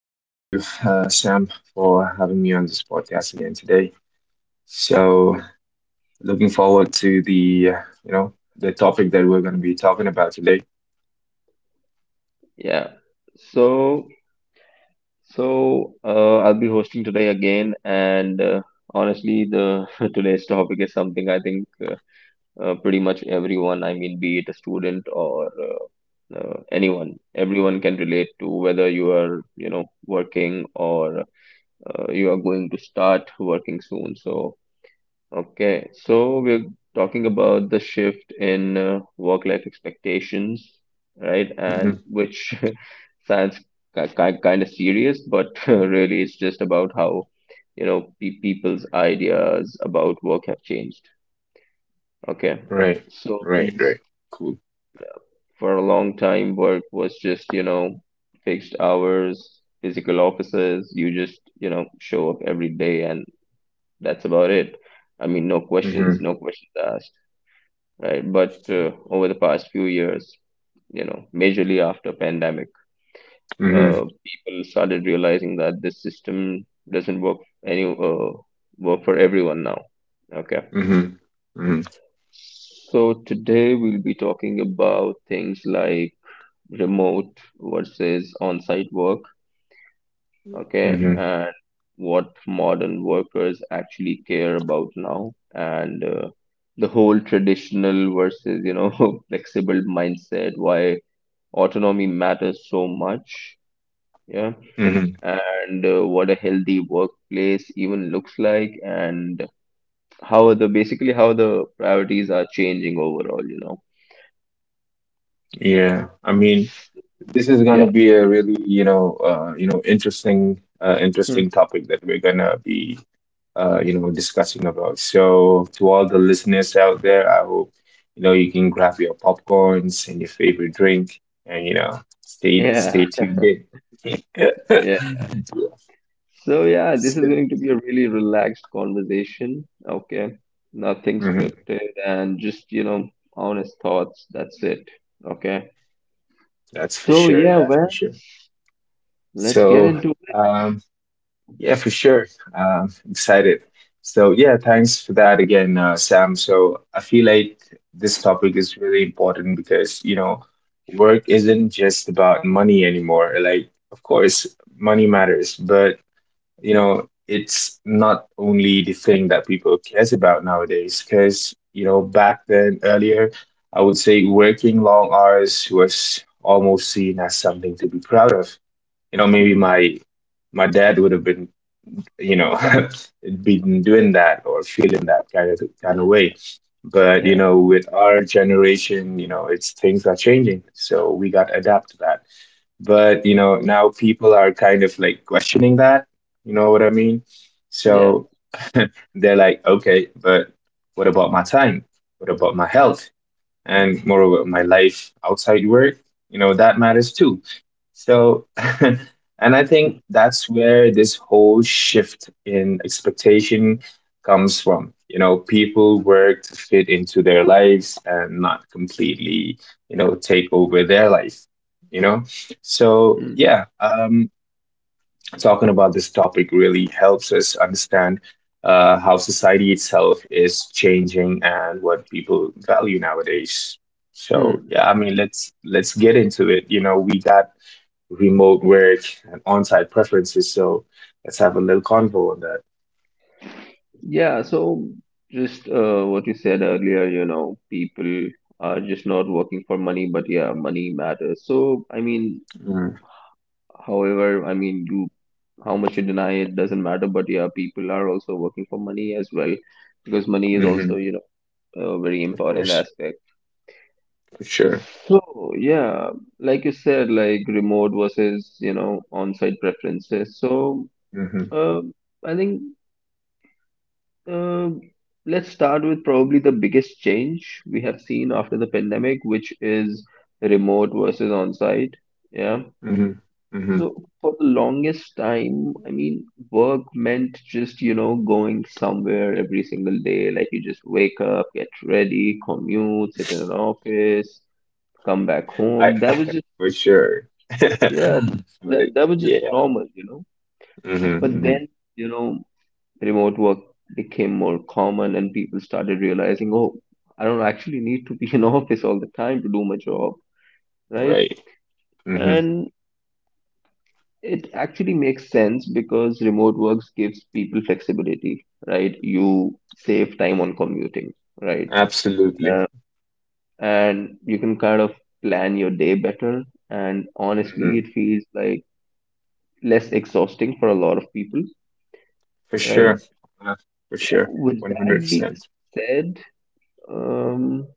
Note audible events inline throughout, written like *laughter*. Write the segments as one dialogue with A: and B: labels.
A: Thank you, Sam, for having me on this podcast again today. So, looking forward to the you know the topic that we're going to be talking about today.
B: Yeah. So, so I'll be hosting today again, and honestly, the *laughs* today's topic is something I think pretty much everyone, I mean, be it a student or anyone, everyone can relate to whether you are, you know, working or you are going to start working soon. So, okay, so we're talking about the shift in work-life expectations, right?
A: Hmm.
B: And which *laughs* sounds ki kind of serious, but *laughs* really it's just about how, you know, pe people's ideas about work have changed. Okay,
A: Right,
B: so
A: right, right. Cool.
B: for a long time, work was just, you know, fixed hours, physical offices. You just, you know, show up every day and that's about it. I mean, no questions,
A: Hmm.
B: no questions asked, right? But over the past few years, you know, majorly after pandemic,
A: Hmm.
B: people started realizing that this system doesn't any uh, work for everyone now. Okay.
A: Hmm. Hmm.
B: So today we'll be talking about things like remote versus on-site work, okay,
A: Hmm.
B: and what modern workers actually care about now, and the whole traditional versus, you know, *laughs* flexible mindset, why autonomy matters so much, yeah,
A: Hmm.
B: and what a healthy workplace even looks like, and how the basically how the priorities are changing overall, you know.
A: Yeah, I mean, this is going to
B: Yeah.
A: be a really interesting uh,
B: Hmm.
A: interesting topic that we're going to be discussing about. So, to all the listeners out there, I hope you can grab your popcorns and your favorite drink, and
B: *laughs*
A: stay
B: Yeah,
A: stay tuned in. *laughs*
B: yeah. So yeah, this is going to be a really relaxed conversation, okay, nothing
A: Mhm.
B: scripted and just, you know, honest thoughts, that's it, okay.
A: That's for
B: So
A: sure.
B: yeah,
A: That's
B: well,
A: for sure.
B: let's get
A: So,
B: into it.
A: um, yeah, for sure. Excited. So yeah, thanks for that again, Sam. So I feel like this topic is really important because, you know, work isn't just about money anymore. Like, of course, money matters, but it's not only the thing that people cares about nowadays. Because, back then earlier, I would say working long hours was almost seen as something to be proud of. You know, maybe
B: Hmm.
A: my dad would have been you know *laughs* been doing that or feeling that kind of way, but
B: Yeah,
A: with our generation, it's things are changing, so we got to adapt to that. But now people are kind of like questioning that, you know what I mean?
B: yeah. *laughs*
A: So they're like, okay, but what about my time, what about my health, and moreover my life outside work? That matters too. So *laughs* and I think that's where this whole shift in expectation comes from. People work to fit into their lives and not completely take over their life. you know so
B: Hmm.
A: yeah, talking about this topic really helps us understand how society itself is changing and what people value nowadays. So
B: Hmm.
A: yeah, I mean, let's get into it. You know, we got remote work and on-site preferences, so let's have a little convo on that.
B: Yeah, so just what you said earlier, you know, people are just not working for money, but yeah, money matters. So, I mean,
A: Mm.
B: however, I mean, you how much you deny it doesn't matter, but yeah, people are also working for money as well, because money is also,
A: Hmm.
B: you know, a very
A: Of
B: important
A: course,
B: aspect.
A: for sure.
B: So, yeah, like you said, like remote versus, you know, on-site preferences. So,
A: Hmm.
B: um I think Um, let's start with probably the biggest change we have seen after the pandemic, which is remote versus on-site. Yeah.
A: Hmm. Hmm.
B: So for the longest time, I mean, work meant just, you know, going somewhere every single day. Like you just wake up, get ready, commute, sit in an office, come back
A: I
B: home. That was just,
A: *laughs* for sure. *laughs*
B: yeah,
A: Right.
B: that was just
A: Yeah.
B: normal, you know.
A: Hmm.
B: But
A: Hmm.
B: then, you know, remote work became more common and people started realizing, oh, I don't actually need to be in *laughs* office all the time to do my job, right?
A: Right. Hmm.
B: And it actually makes sense because remote works gives people flexibility, right? You save time on commuting, right?
A: Absolutely.
B: Uh, and you can kind of plan your day better. And honestly,
A: Mm-hmm.
B: it feels like less exhausting for a lot of people,
A: For sure.
B: right?
A: Uh, for sure.
B: With
A: 100%.
B: that being
A: percent
B: said, Um,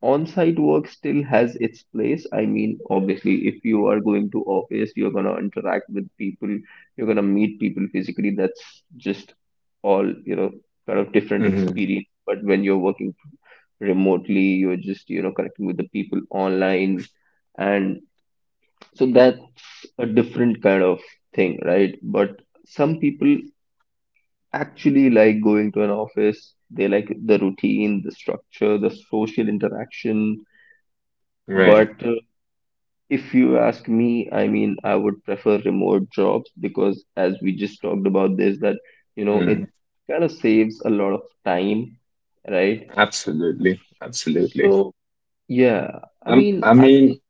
B: on-site work still has its place. I mean, obviously, if you are going to office, you're gonna interact with people, you're gonna meet people physically. That's just all, you know, kind of different
A: Mm-hmm.
B: experience. But when you're working remotely, you're just, you know, connecting with the people online. And so that's a different kind of thing, right? But some people actually like going to an office. They like the routine, the structure, the social interaction.
A: Right.
B: But if you ask me, I mean, I would prefer remote jobs because, as we just talked about this, that you know, it
A: Mm.
B: kind of saves a lot of time, right?
A: Absolutely. Absolutely.
B: So yeah, I mean,
A: I mean,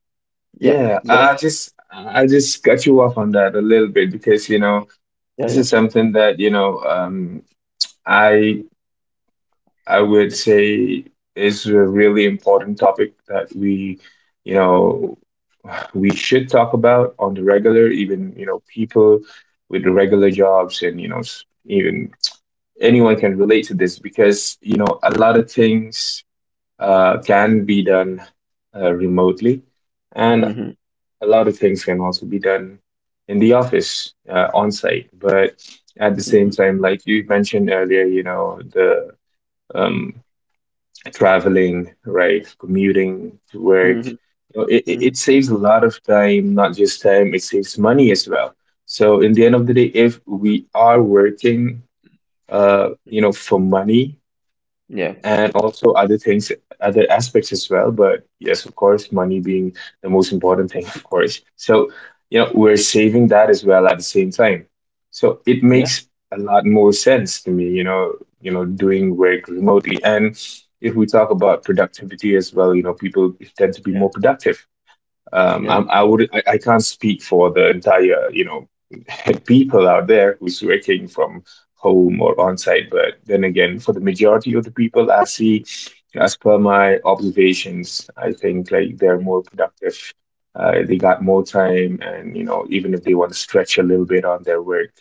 B: yeah,
A: yeah,
B: go
A: I I
B: ahead.
A: just I just cut you off on that a little bit because, you know,
B: Yeah,
A: this
B: yeah.
A: is something that, I I would say is a really important topic that you know, we should talk about on the regular, even, people with regular jobs and, even anyone can relate to this, because a lot of things can be done remotely, and
B: Mm-hmm,
A: a lot of things can also be done in the office on site. But at the same
B: mm-hmm,
A: time, like you mentioned earlier, the um, traveling, right, commuting to
B: mm-hmm,
A: work. You know, it, it
B: mm-hmm.
A: it saves a lot of time, not just time, it saves money as well. So in the end of the day, if we are working, for money
B: Yeah,
A: and also other things, other aspects as well. But yes, of course, money being the most important thing, of course. So, we're saving that as well at the same time. So it
B: yeah,
A: makes a lot more sense to me, doing work remotely. And if we talk about productivity as well, people tend to be
B: yeah,
A: more productive.
B: yeah,
A: I can't speak for the entire *laughs* people out there who's working from home or on site, but then again, for the majority of the people I see, as per my observations, I think like they're more productive. They got more time, and even if they want to stretch a little bit on their work,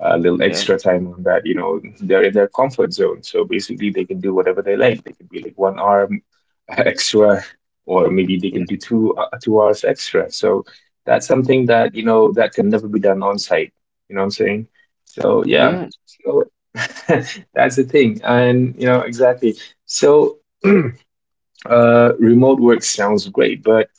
A: a little
B: yeah,
A: extra time on that, they're in their comfort zone. So basically, they can do whatever they like. They can be like one arm *laughs* extra, or maybe they
B: yeah,
A: can do two hours extra. So that's
B: yeah,
A: something that that can never be done on site. You know what I'm saying? So yeah,
B: yeah,
A: so *laughs* that's the thing, and you know exactly. So *clears throat* remote work sounds great, but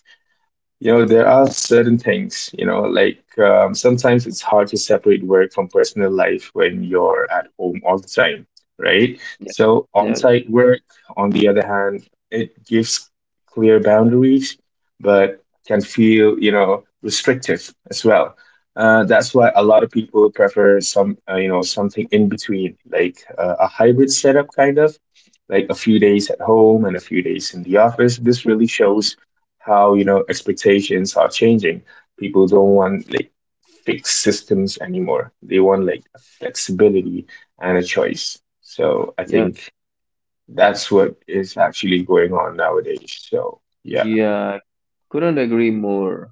A: there are certain things, like sometimes it's hard to separate work from personal life when you're at home all the time, right?
B: yeah,
A: So, on
B: yeah, yeah,
A: site work, on the other hand, it gives clear boundaries, but can feel, restrictive as well. That's
B: yeah.
A: why a lot of people prefer something in between, like a hybrid setup, kind of, like a few days at home and a few days in the office. This really
B: Mhm,
A: shows how expectations are changing. People don't want like fixed systems anymore. They want like flexibility and a choice. So I
B: yeah.
A: think that's what is actually going on nowadays. So yeah.
B: Yeah, couldn't agree more,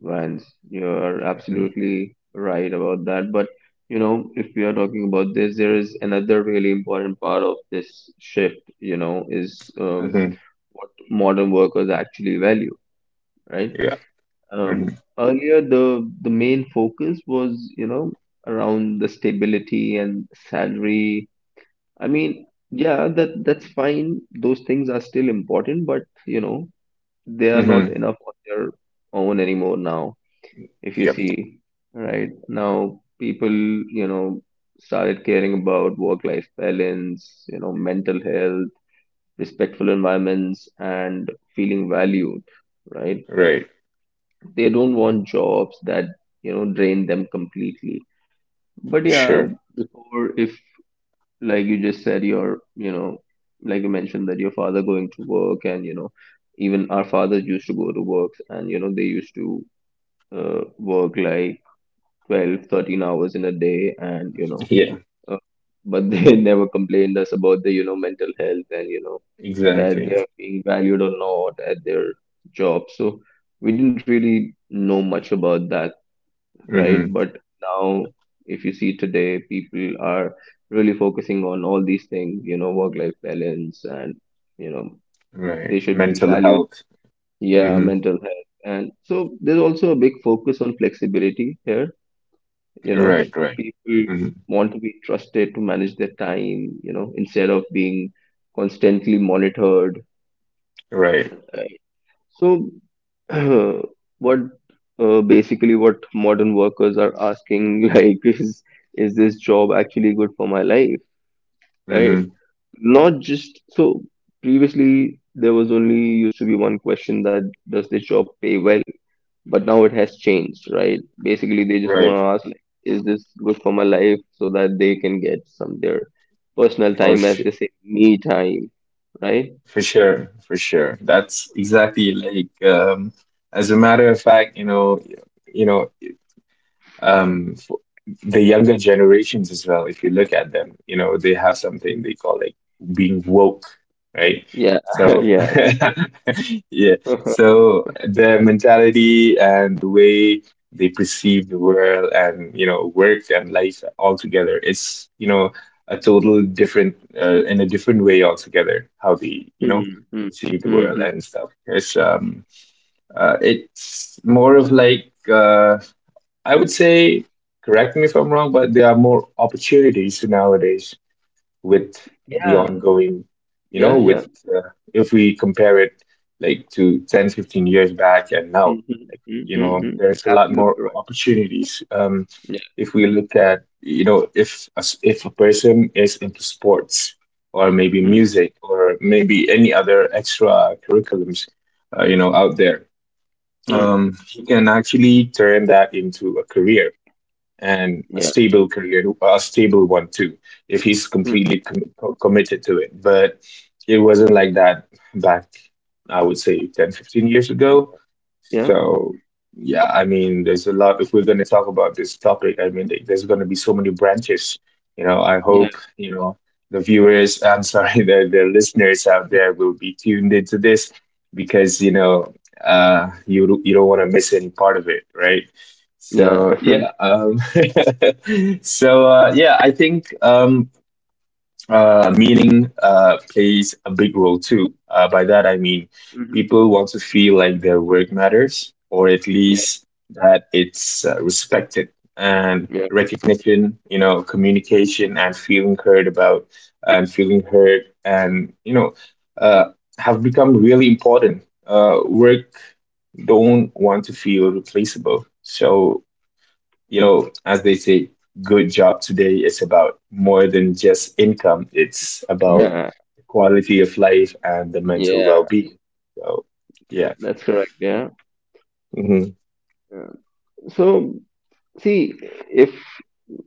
B: Vance. You're
A: Hmm.
B: absolutely right about that. But, you know, if we are talking about this, there is another really important part of this shift, you know, is
A: Hmm.
B: what modern workers actually value, right?
A: Yeah. Hmm.
B: Earlier, the main focus was, you know, around the stability and salary. I mean, yeah, that's fine. Those things are still important, but, you know, they are not
A: Hmm.
B: enough on their own anymore now, if you
A: Yep.
B: see. Right now people, you know, started caring about work life balance, you know, mental health, respectful environments, and feeling valued, right?
A: Right,
B: They don't want jobs that, you know, drain them completely. But
A: for
B: yeah,
A: sure.
B: or if like you just said, your, you know, like you mentioned that your father going to work, and you know, even our fathers used to go to work, and you know, they used to work like 12, 13 hours in a day, and you
A: *laughs*
B: know,
A: Yeah,
B: uh, but they *laughs* never complained us about the, you know, mental health, and you know, that
A: exactly.
B: they are being valued or not at their job. So we didn't really know much about that, right?
A: Hmm.
B: But now if you see, today people are really focusing on all these things, you know, work life balance, and you know,
A: Right,
B: they should be
A: mental
B: valued,
A: health.
B: yeah,
A: Hmm.
B: mental health. And so there's also a big focus on flexibility here, you know,
A: Right, right.
B: people
A: Hmm.
B: want to be trusted to manage their time, you know, instead of being constantly monitored,
A: Right.
B: right? So *clears throat* what basically what modern workers are asking *laughs* like is this job actually good for my life, right?
A: Hmm.
B: Not just, so previously there was only used to be one question that, does this job pay well? But now it has changed, right? Basically, they just want
A: Right.
B: to ask, like, is this good for my life, so that they can get some their personal
A: For
B: time, as
A: sure.
B: they say, me time, right?
A: For sure, for sure. That's exactly like as a matter of fact, you know, um the younger generations as well, if you look at them, they have something they call like being woke, right?
B: Yeah, *laughs*
A: So
B: yeah.
A: *laughs* yeah,
B: *laughs*
A: so their mentality and the way they perceive the world and work and life altogether, it's a total different in a different way altogether how they
B: Hmm, hmm,
A: perceive the
B: hmm,
A: world
B: hmm.
A: and stuff. It's more of like, I would say, correct me if I'm wrong, but there are more opportunities nowadays with the
B: Yeah,
A: ongoing,
B: yeah, yeah.
A: with if we compare it like to 10, 15 years back and
B: Hmm,
A: now,
B: hmm,
A: like,
B: hmm, hmm, hmm.
A: there's a lot more
B: Absolutely right.
A: opportunities.
B: Yeah,
A: If we look at, if a person is into sports or maybe
B: hmm,
A: music or maybe any other extra curriculums, out there,
B: hmm,
A: he can actually turn that into a career, and a
B: yeah,
A: stable career, well, a stable one too, if he's
B: hmm,
A: completely committed to it. But it wasn't like that back, I would say, 10, 15 years ago.
B: yeah,
A: So, yeah, I mean, there's a lot. If we're going to talk about this topic, I mean, there's going to be so many branches. You know, I
B: yeah,
A: hope, the viewers, I'm sorry, *laughs* the listeners out there will be tuned into this because, you don't want to miss any part of it, right?
B: yeah,
A: So
B: *laughs*
A: yeah, *laughs* so yeah, I think, meaning plays a big role too. By that I mean,
B: mhm.
A: people want to feel like their work matters, or at
B: Yeah,
A: least that it's respected and
B: yeah,
A: recognition. You know, communication and feeling heard, and uh, have become really important. Work don't want to feel replaceable. So as they say, good job today is about more than just income. It's about
B: yeah,
A: the quality of life and the
B: *laughs*
A: mental
B: yeah.
A: well-being. So, yeah.
B: That's correct. Yeah.
A: Hmm.
B: Yeah. So see, if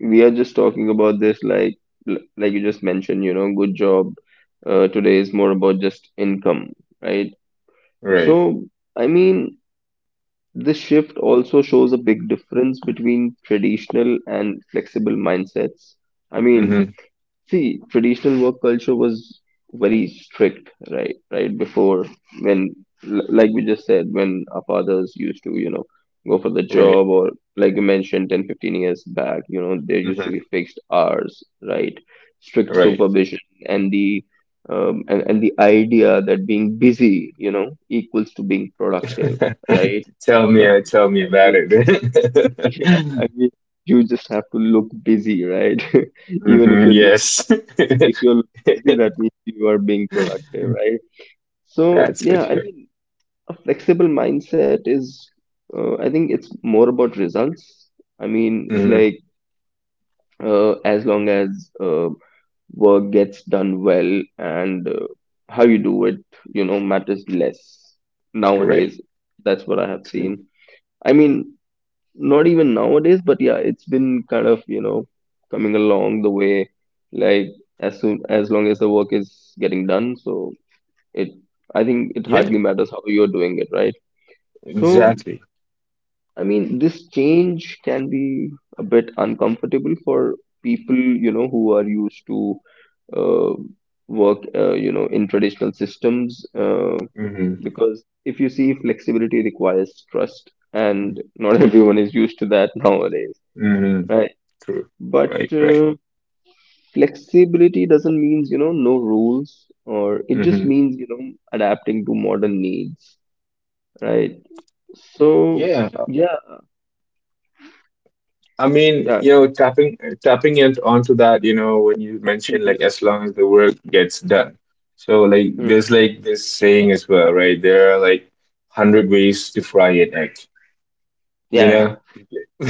B: we are just talking about this, like you just mentioned, you know, good job today is more about just income, right?
A: Right.
B: So, I mean, this shift also shows a big difference between traditional and flexible mindsets. I mean,
A: Hmm.
B: see, traditional work culture was very strict, right? Right before when, like we just said, when our fathers used to, you know, go for the
A: Right.
B: job, or like you mentioned 10, 15 years back, you know, there used to be
A: Hmm.
B: fixed hours, right? Strict
A: Right.
B: supervision, and the and the idea that being busy, you know, equals to being productive, right?
A: *laughs* Tell
B: *laughs*
A: me, uh,
B: I
A: tell me about
B: mean, yeah,
A: it.
B: I
A: *laughs*
B: mean, you just have to look busy, right? *laughs* Even if
A: Hmm.
B: you're doing,
A: Yes.
B: if you're looking busy, that means you are being
A: *laughs*
B: productive, right? So
A: That's for
B: yeah, I
A: sure.
B: mean, a flexible mindset is, I think it's more about results. I mean, it's
A: Hmm.
B: like as long as work gets done well, and how you do it, you know, matters less
A: Right.
B: nowadays. That's what I have
A: True.
B: seen. I mean, not even nowadays, but yeah, it's been kind of, you know, coming along the way, like, as soon as long as the work is getting done, so it, I think it
A: Yeah,
B: hardly matters how you're doing it, right? So
A: exactly.
B: I mean, this change can be a bit uncomfortable for people, you know, who are used to uh, work you know, in traditional systems,
A: Hmm.
B: because if you see, flexibility requires trust, and not *laughs* everyone is used to that nowadays,
A: Hmm.
B: right?
A: True.
B: But
A: Right, right.
B: flexibility doesn't mean, you know, no rules, or it just
A: Hmm.
B: means, you know, adapting to modern needs, right? So
A: Yeah,
B: yeah,
A: I mean,
B: yeah, yeah,
A: tapping, it onto that, when you mentioned
B: mhm,
A: like as long as the work gets done. So like
B: mhm.
A: there's like this saying as well, right? There are like hundred ways to fry an egg, you
B: Yeah,
A: know?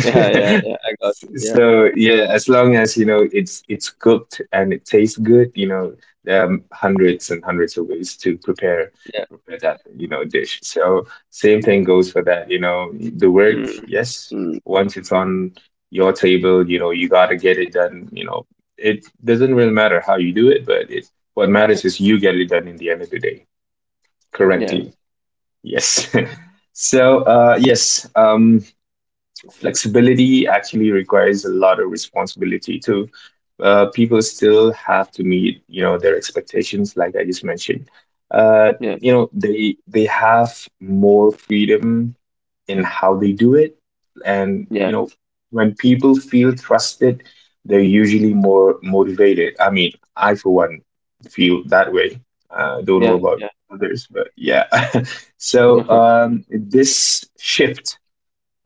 B: yeah, yeah, yeah. I got you. Yeah,
A: So yeah, as long as it's cooked and it tastes good, there are hundreds and hundreds of ways to prepare
B: yeah,
A: prepare that, dish. So same thing
B: yeah.
A: goes for that, the work.
B: Mhm,
A: Yes,
B: mm.
A: once it's on your table, you gotta get it done. It doesn't really matter how you do it, but it what matters is you get it done in the end of the day
B: Yeah,
A: correctly. Yes. *laughs* So yes, flexibility actually requires a lot of responsibility too. People still have to meet, their expectations, like I just mentioned.
B: yeah,
A: They have more freedom in how they do it, and
B: yeah,
A: when people feel trusted, they're usually more motivated. I mean, I for one feel that way. Don't know
B: yeah,
A: about
B: yeah.
A: others, but yeah. *laughs* So
B: *laughs*
A: this shift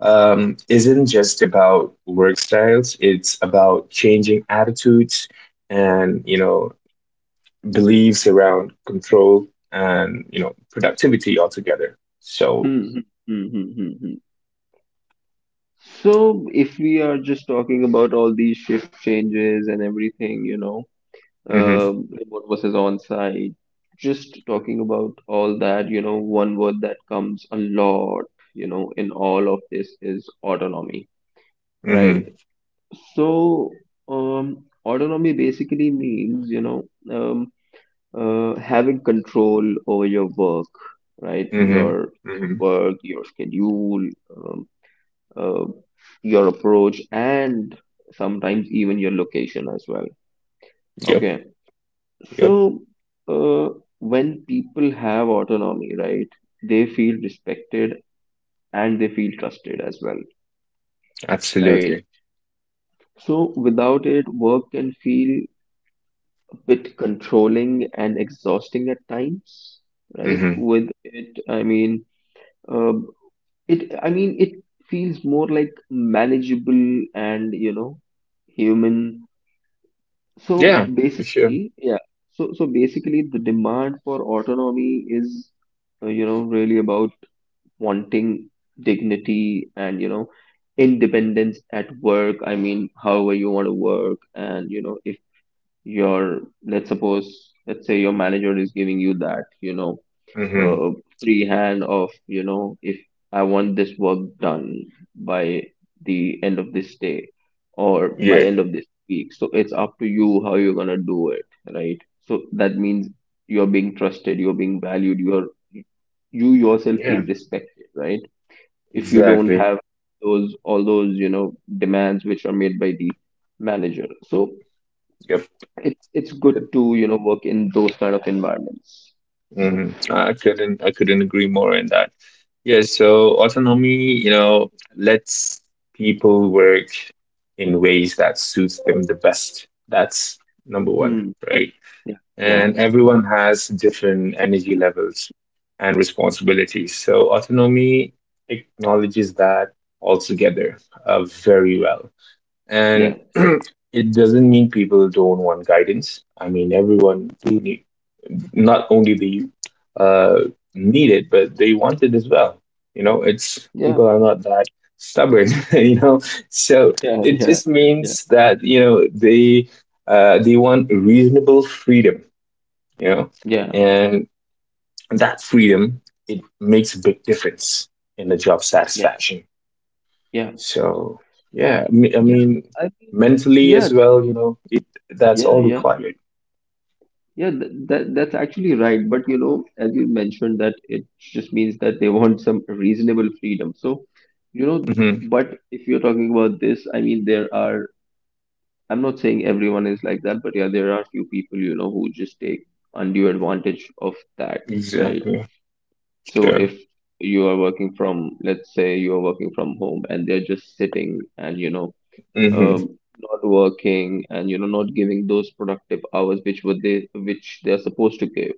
A: um, isn't just about work styles. It's about changing attitudes and beliefs around control and productivity altogether. So,
B: Mhm, mhm, mhm, mhm. So if we are just talking about all these shift changes and everything, you know,
A: hmm,
B: remote versus on-site, just talking about all that, you know, one word that comes a lot, you know, in all of this is autonomy, right?
A: hmm,
B: So, autonomy basically means, you know, um, having control over your work, right?
A: hmm,
B: Your
A: hmm,
B: work, your schedule, um, uh, your approach, and sometimes even your location as well.
A: yep,
B: Okay.
A: yep,
B: So, uh, when people have autonomy, right, they feel respected and they feel trusted as well, right?
A: absolutely.
B: So, without it, work can feel bit controlling and exhausting at times, right?
A: Hmm.
B: With it, I mean, uh, I mean, it feels more like manageable and, you know, human. So
A: Yeah, for sure.
B: basically, yeah. So, so basically, the demand for autonomy is, you know, really about wanting dignity and, you know, independence at work. I mean, however you want to work, and, you know, if your let's say your manager is giving you that, you know,
A: Hmm.
B: uh, free hand of, you know, if I want this work done by the end of this day or by
A: Yeah,
B: end of this week, so it's up to you how you're going to do it, right? So that means you're being trusted, you're being valued, you're yourself feel
A: yeah,
B: respected, right? If you don't
A: exactly.
B: have those all those, you know, demands which are made by the manager, so
A: Yep.
B: it's good to, you know, work in those kind of environments.
A: Hmm. I couldn't agree more in that. Yeah, so autonomy, lets people work in ways that suits them the best. That's number one,
B: Hmm.
A: right?
B: Yeah. Yeah.
A: And everyone has different energy levels and responsibilities. So autonomy acknowledges that altogether very
B: Yeah.
A: well. And
B: Yeah.
A: *clears throat* it doesn't mean people don't want guidance. I mean, everyone do need not only the uh, needed, but they want it as well. You know, it's
B: Yeah.
A: people are not that stubborn. *laughs* So
B: Yeah. Yeah.
A: it just
B: Yeah.
A: means that they want reasonable freedom. You know,
B: Yeah.
A: and that freedom it makes a big difference in the job
B: Yeah. Yeah.
A: satisfaction.
B: Yeah.
A: So yeah, I me- I
B: Yeah.
A: mean,
B: I mean,
A: mentally
B: yeah.
A: as well. You know, it that's
B: Yeah.
A: all
B: Yeah.
A: required.
B: Yeah. That that's actually right. But you know, as you mentioned, that it just means that they *laughs* want some reasonable freedom. So, you know,
A: Hmm.
B: but if you're talking about this, I mean, there are. I'm not saying everyone is like that, but yeah, there are few people, you know, who just take undue advantage of that, right?
A: Exactly.
B: So
A: Sure.
B: if you are working from, let's say you are working from home and they're just sitting and, you know,
A: Hmm.
B: not working and, you know, not giving those productive hours which which they're supposed to give.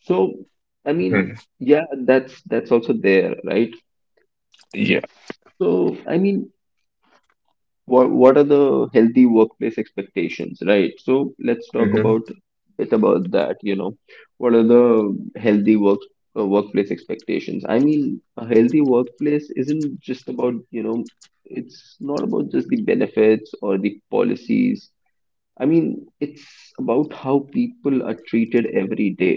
B: So, I mean, yeah, that's also there, right?
A: Yeah.
B: So, I mean, what are the healthy workplace expectations, right? So let's talk
A: Mm-hmm.
B: about bit about that, you know, what are the healthy workplace expectations. I mean, a healthy workplace isn't just about, you know, it's not about just the benefits or the policies. I mean, it's about how people are treated every day,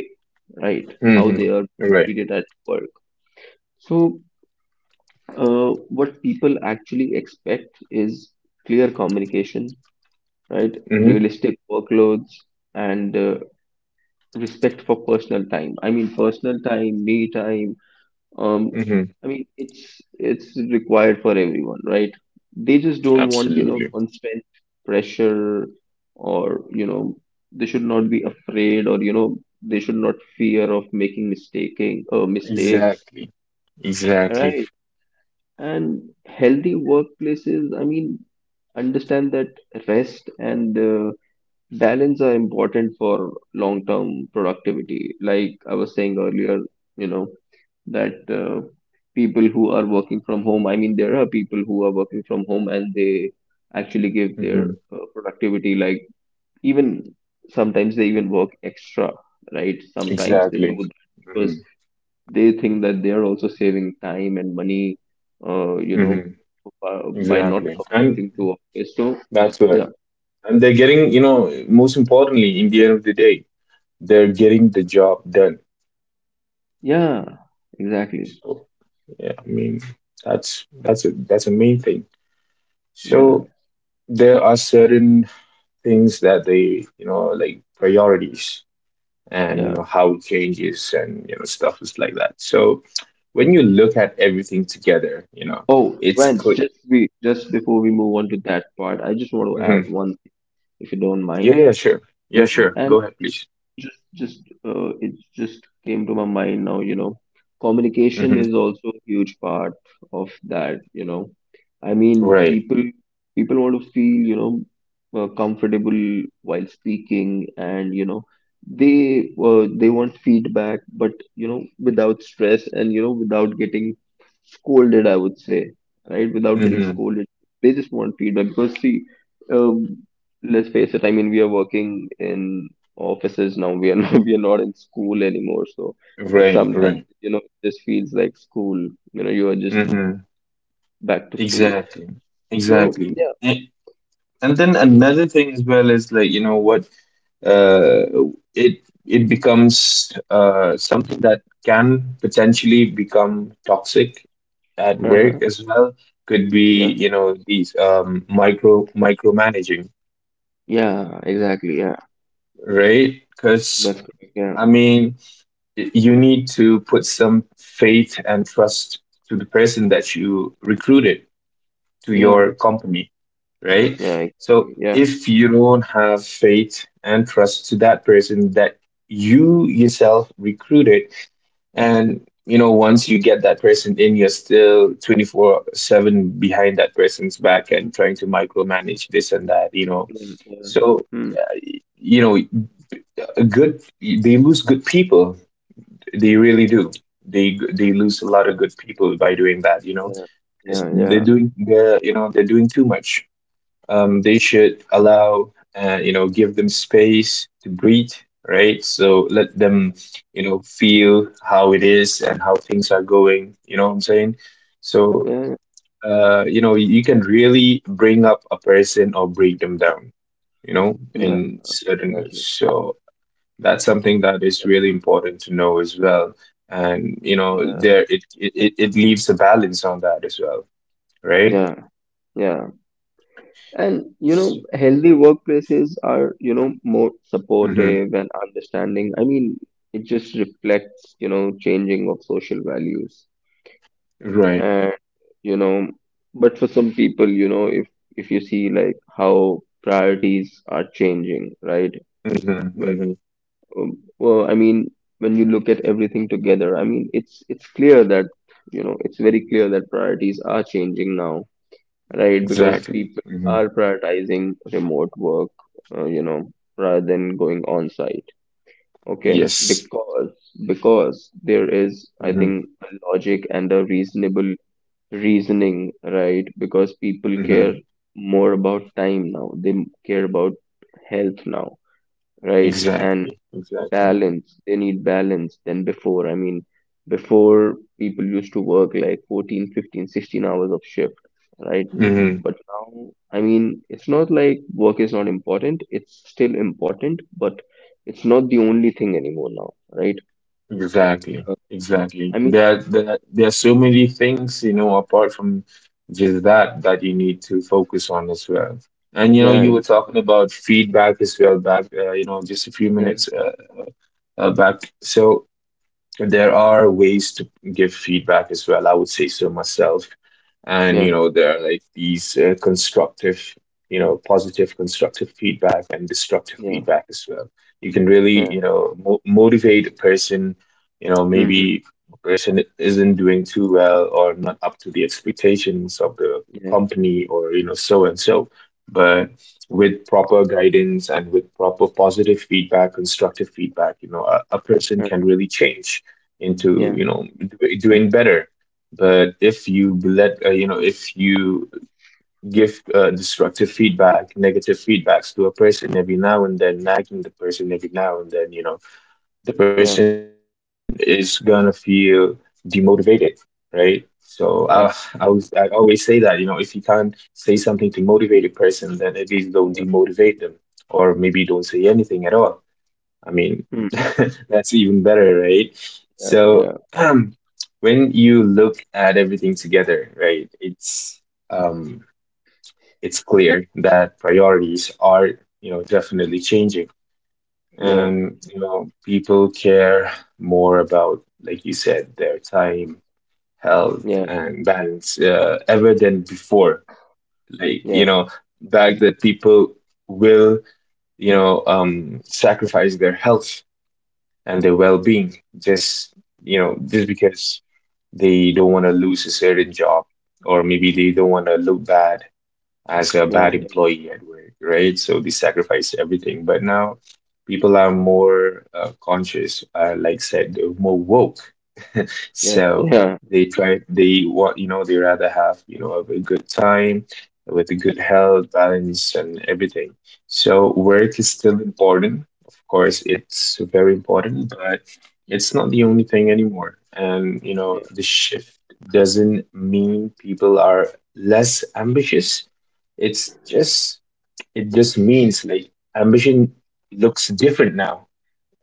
B: right? How
A: Mm-hmm.
B: they are
A: Right.
B: treated at work. So what people actually expect is clear communication, right?
A: Mm-hmm.
B: Realistic workloads and respect for personal time. I mean, personal time, me time. Um,
A: Mm-hmm.
B: I mean, it's required for everyone, right? They just don't want, you know,
A: Absolutely.
B: constant pressure, or you know, they should not be afraid, or you know, they should not fear of making mistaking mistakes,
A: Exactly. Exactly.
B: right? And healthy workplaces, I mean, understand that rest and balance are important for long term productivity, like I was saying earlier, you know, that people who are working from home, I mean there are people who are working from home and they actually give their
A: Mm-hmm.
B: productivity, like even sometimes they even work extra, right? Sometimes they do
A: Exactly.
B: that because
A: Mm-hmm.
B: they think that they are also saving time and money, you know,
A: Mm-hmm.
B: by not
A: Exactly. And
B: coming to office. So
A: that's what.
B: yeah,
A: And they're getting, you know, most importantly, in the end of the day, they're getting the job done.
B: yeah, exactly,
A: So yeah, I mean, that's a main thing.
B: yeah,
A: So there are certain things that they, you know, like priorities, and you
B: yeah.
A: know how it changes and you know stuff is like that. So when you look at everything together, you know,
B: Oh,
A: it's
B: Vance,
A: clear.
B: just before we move on to that part, I just want to
A: Hmm.
B: add one thing, if you don't
A: Yeah,
B: mind.
A: yeah, sure. Yeah,
B: You know,
A: sure,
B: and
A: go ahead please.
B: just just uh, it just came to my mind now, you know, communication
A: Hmm.
B: is also a huge part of that, you know. I mean,
A: Right.
B: people people want to feel, you know, comfortable while speaking. And you know, they, they want feedback, but, you know, without stress and you know without getting scolded, I would say. Right, without getting
A: Hmm.
B: scolded, they just want feedback because see, um, let's face it, I mean, we are working in offices now. We are not, *laughs* we are not in school anymore. So, but
A: Right,
B: sometimes,
A: right.
B: you know, it just feels like school. You know, you are just
A: Hmm.
B: back to school.
A: Exactly,
B: So,
A: exactly.
B: yeah,
A: And then another thing as well is like, you know what, uh, it becomes something that can potentially become toxic at
B: uh-huh,
A: work as well. Could be,
B: yeah,
A: you know, these micromanaging,
B: yeah, exactly. Yeah,
A: right? Because
B: that's correct. Yeah,
A: I mean, you need to put some faith and trust to the person that you recruited to
B: yeah,
A: your company, right?
B: yeah,
A: So
B: exactly. Yeah,
A: if you don't have faith and trust to that person that you yourself recruited, and you know, once you get that person in, you're still 24/7 behind that person's back and trying to micromanage this and that, you know.
B: yeah, yeah,
A: So,
B: hmm,
A: you know, a good they lose good people, they really do. They lose a lot of good people by doing that, you know.
B: yeah, yeah,
A: They're
B: yeah,
A: doing the, you know, they're doing too much. They should allow, you know, give them space to breathe, right? So let them, you know, feel how it is and how things are going, you know what I'm saying. So
B: yeah,
A: you know, you can really bring up a person or break them down, you know,
B: yeah,
A: in certain ways.
B: exactly.
A: So that's something that is really important to know as well. And you know,
B: Yeah,
A: there it leaves a balance on that as well, right?
B: yeah, yeah. And you know, healthy workplaces are, you know, more
A: Hmm.
B: supportive and understanding. I mean, it just reflects, you know, changing of social values.
A: Right.
B: And, you know, but for some people, you know, if you see like how priorities are changing, right? When,
A: Hmm.
B: um, I mean, when you look at everything together, I mean, it's clear that, you know, it's very clear that priorities are changing now, right? Because
A: Exactly.
B: people
A: Hmm.
B: are prioritizing remote work, you know, rather than going on site. Okay,
A: Yes.
B: because because there is, I
A: Hmm.
B: think, a logic and a reasonable reasoning, right? Because people
A: Hmm.
B: care more about time now. They care about health now, right? And
A: Exactly. Exactly.
B: balance, they need balance than before. I mean, before people used to work like 14, 15, 16 hours of shift, right?
A: Mm.
B: But now, I mean, it's not like work is not important, it's still important, but it's not the only thing anymore now, right?
A: Hmm. Exactly.
B: Uh,
A: Exactly.
B: I mean,
A: There, there are so many things, you know, apart from just that, that you need to focus on as well. And, you know,
B: yeah,
A: you were talking
B: exactly,
A: about feedback as well back, you know, just a few
B: yeah,
A: minutes back. So, there are ways to give feedback as well, I would say so myself. And you
B: yeah,
A: know, there are like these constructive, you know, positive constructive feedback and destructive
B: yeah,
A: feedback as well. You can really,
B: yeah,
A: you know, motivate a person. You know,
B: hmm,
A: maybe a person isn't doing too well or not up to the expectations of the
B: yeah,
A: company, or you know, so and so. But with proper guidance and with proper positive feedback, constructive feedback, you know, a person
B: uh,
A: can really change into,
B: yeah,
A: you know,
B: mm,
A: doing better. But if you let, you know, if you give destructive feedback, negative feedbacks to a person every now and then, nagging the person every now and then, you know, the
B: yeah,
A: person is gonna feel demotivated, right? So
B: yeah,
A: I always say that, you know, if you can't say something to motivate a person, then at least don't
B: yeah,
A: demotivate them, or maybe don't say anything at all. I mean,
B: mm,
A: *laughs* that's even better, right? So,
B: yeah,
A: when you look at everything together, right, um, it's clear that priorities are, you know, definitely changing,
B: yeah,
A: and you know, people care more about, like you said, their time, health,
B: yeah,
A: and balance ever than before. Like
B: yeah,
A: you know, back that people will, you know, sacrifice their health and their well-being, just, you know, just because they don't want to lose a certain job, or maybe they don't want to look bad as a
B: yeah,
A: bad
B: yeah,
A: employee at work, right? So they sacrifice everything. But now people are more conscious, like said, they're more woke. *laughs*
B: yeah, yeah,
A: So
B: yeah,
A: they try, they want, you know, they rather have, you know, a good time with a good health, balance, and everything. So work is still important. Of course, it's very important, but it's not the only thing anymore. And, you know,
B: yeah,
A: the shift doesn't mean people are less ambitious, it's
B: yeah,
A: just, it just means like ambition looks different now,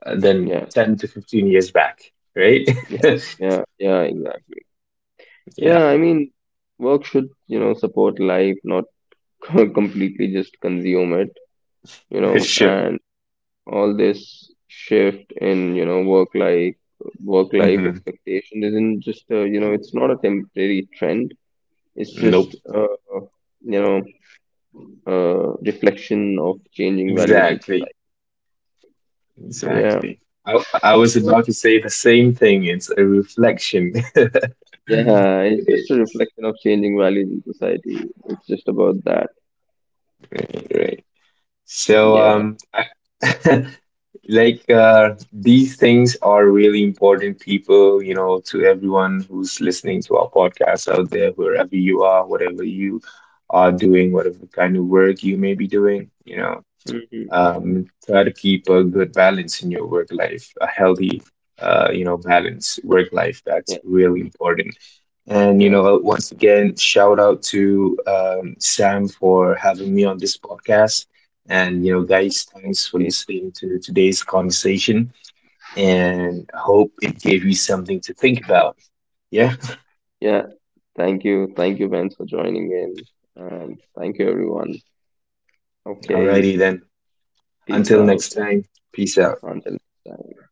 A: than
B: yeah.
A: 10 to 15 years back, right?
B: Yeah,
A: *laughs*
B: yeah, yeah, exactly. Yeah,
A: Yeah,
B: I mean, work should, you know, support life, not *laughs* completely just consume it, you know.
A: for sure.
B: And all this shift in, you know, work life,
A: Hmm.
B: expectation isn't just, you know, it's not a temporary trend. It's just,
A: Nope.
B: you know, reflection of changing values in
A: Exactly.
B: society. Yeah.
A: Exactly. I was
B: So,
A: about to say the same thing. It's a reflection. *laughs*
B: yeah,
A: It
B: it's just a
A: is.
B: reflection of changing values in society. It's just about that.
A: Right, right. So,
B: Yeah.
A: *laughs* like these things are really important, people, you know, to everyone who's listening to our podcast out there, wherever you are, whatever you are doing, whatever kind of work you may be doing, you know,
B: Hmm.
A: try to keep a good balance in your work life, a healthy, you know, balance, work life. That's
B: Yeah.
A: really important. And you
B: Yeah.
A: know, once again, shout out to Sam for having me on this podcast. And you know, guys, thanks for
B: It's
A: listening to today's conversation. And hope it gave you something to think about. Yeah.
B: yeah. Thank you. Thank you, Vince, for joining in. And thank you everyone. Okay.
A: Alrighty then.
B: Peace
A: Until next
B: out.
A: time. Peace out.
B: Until next time.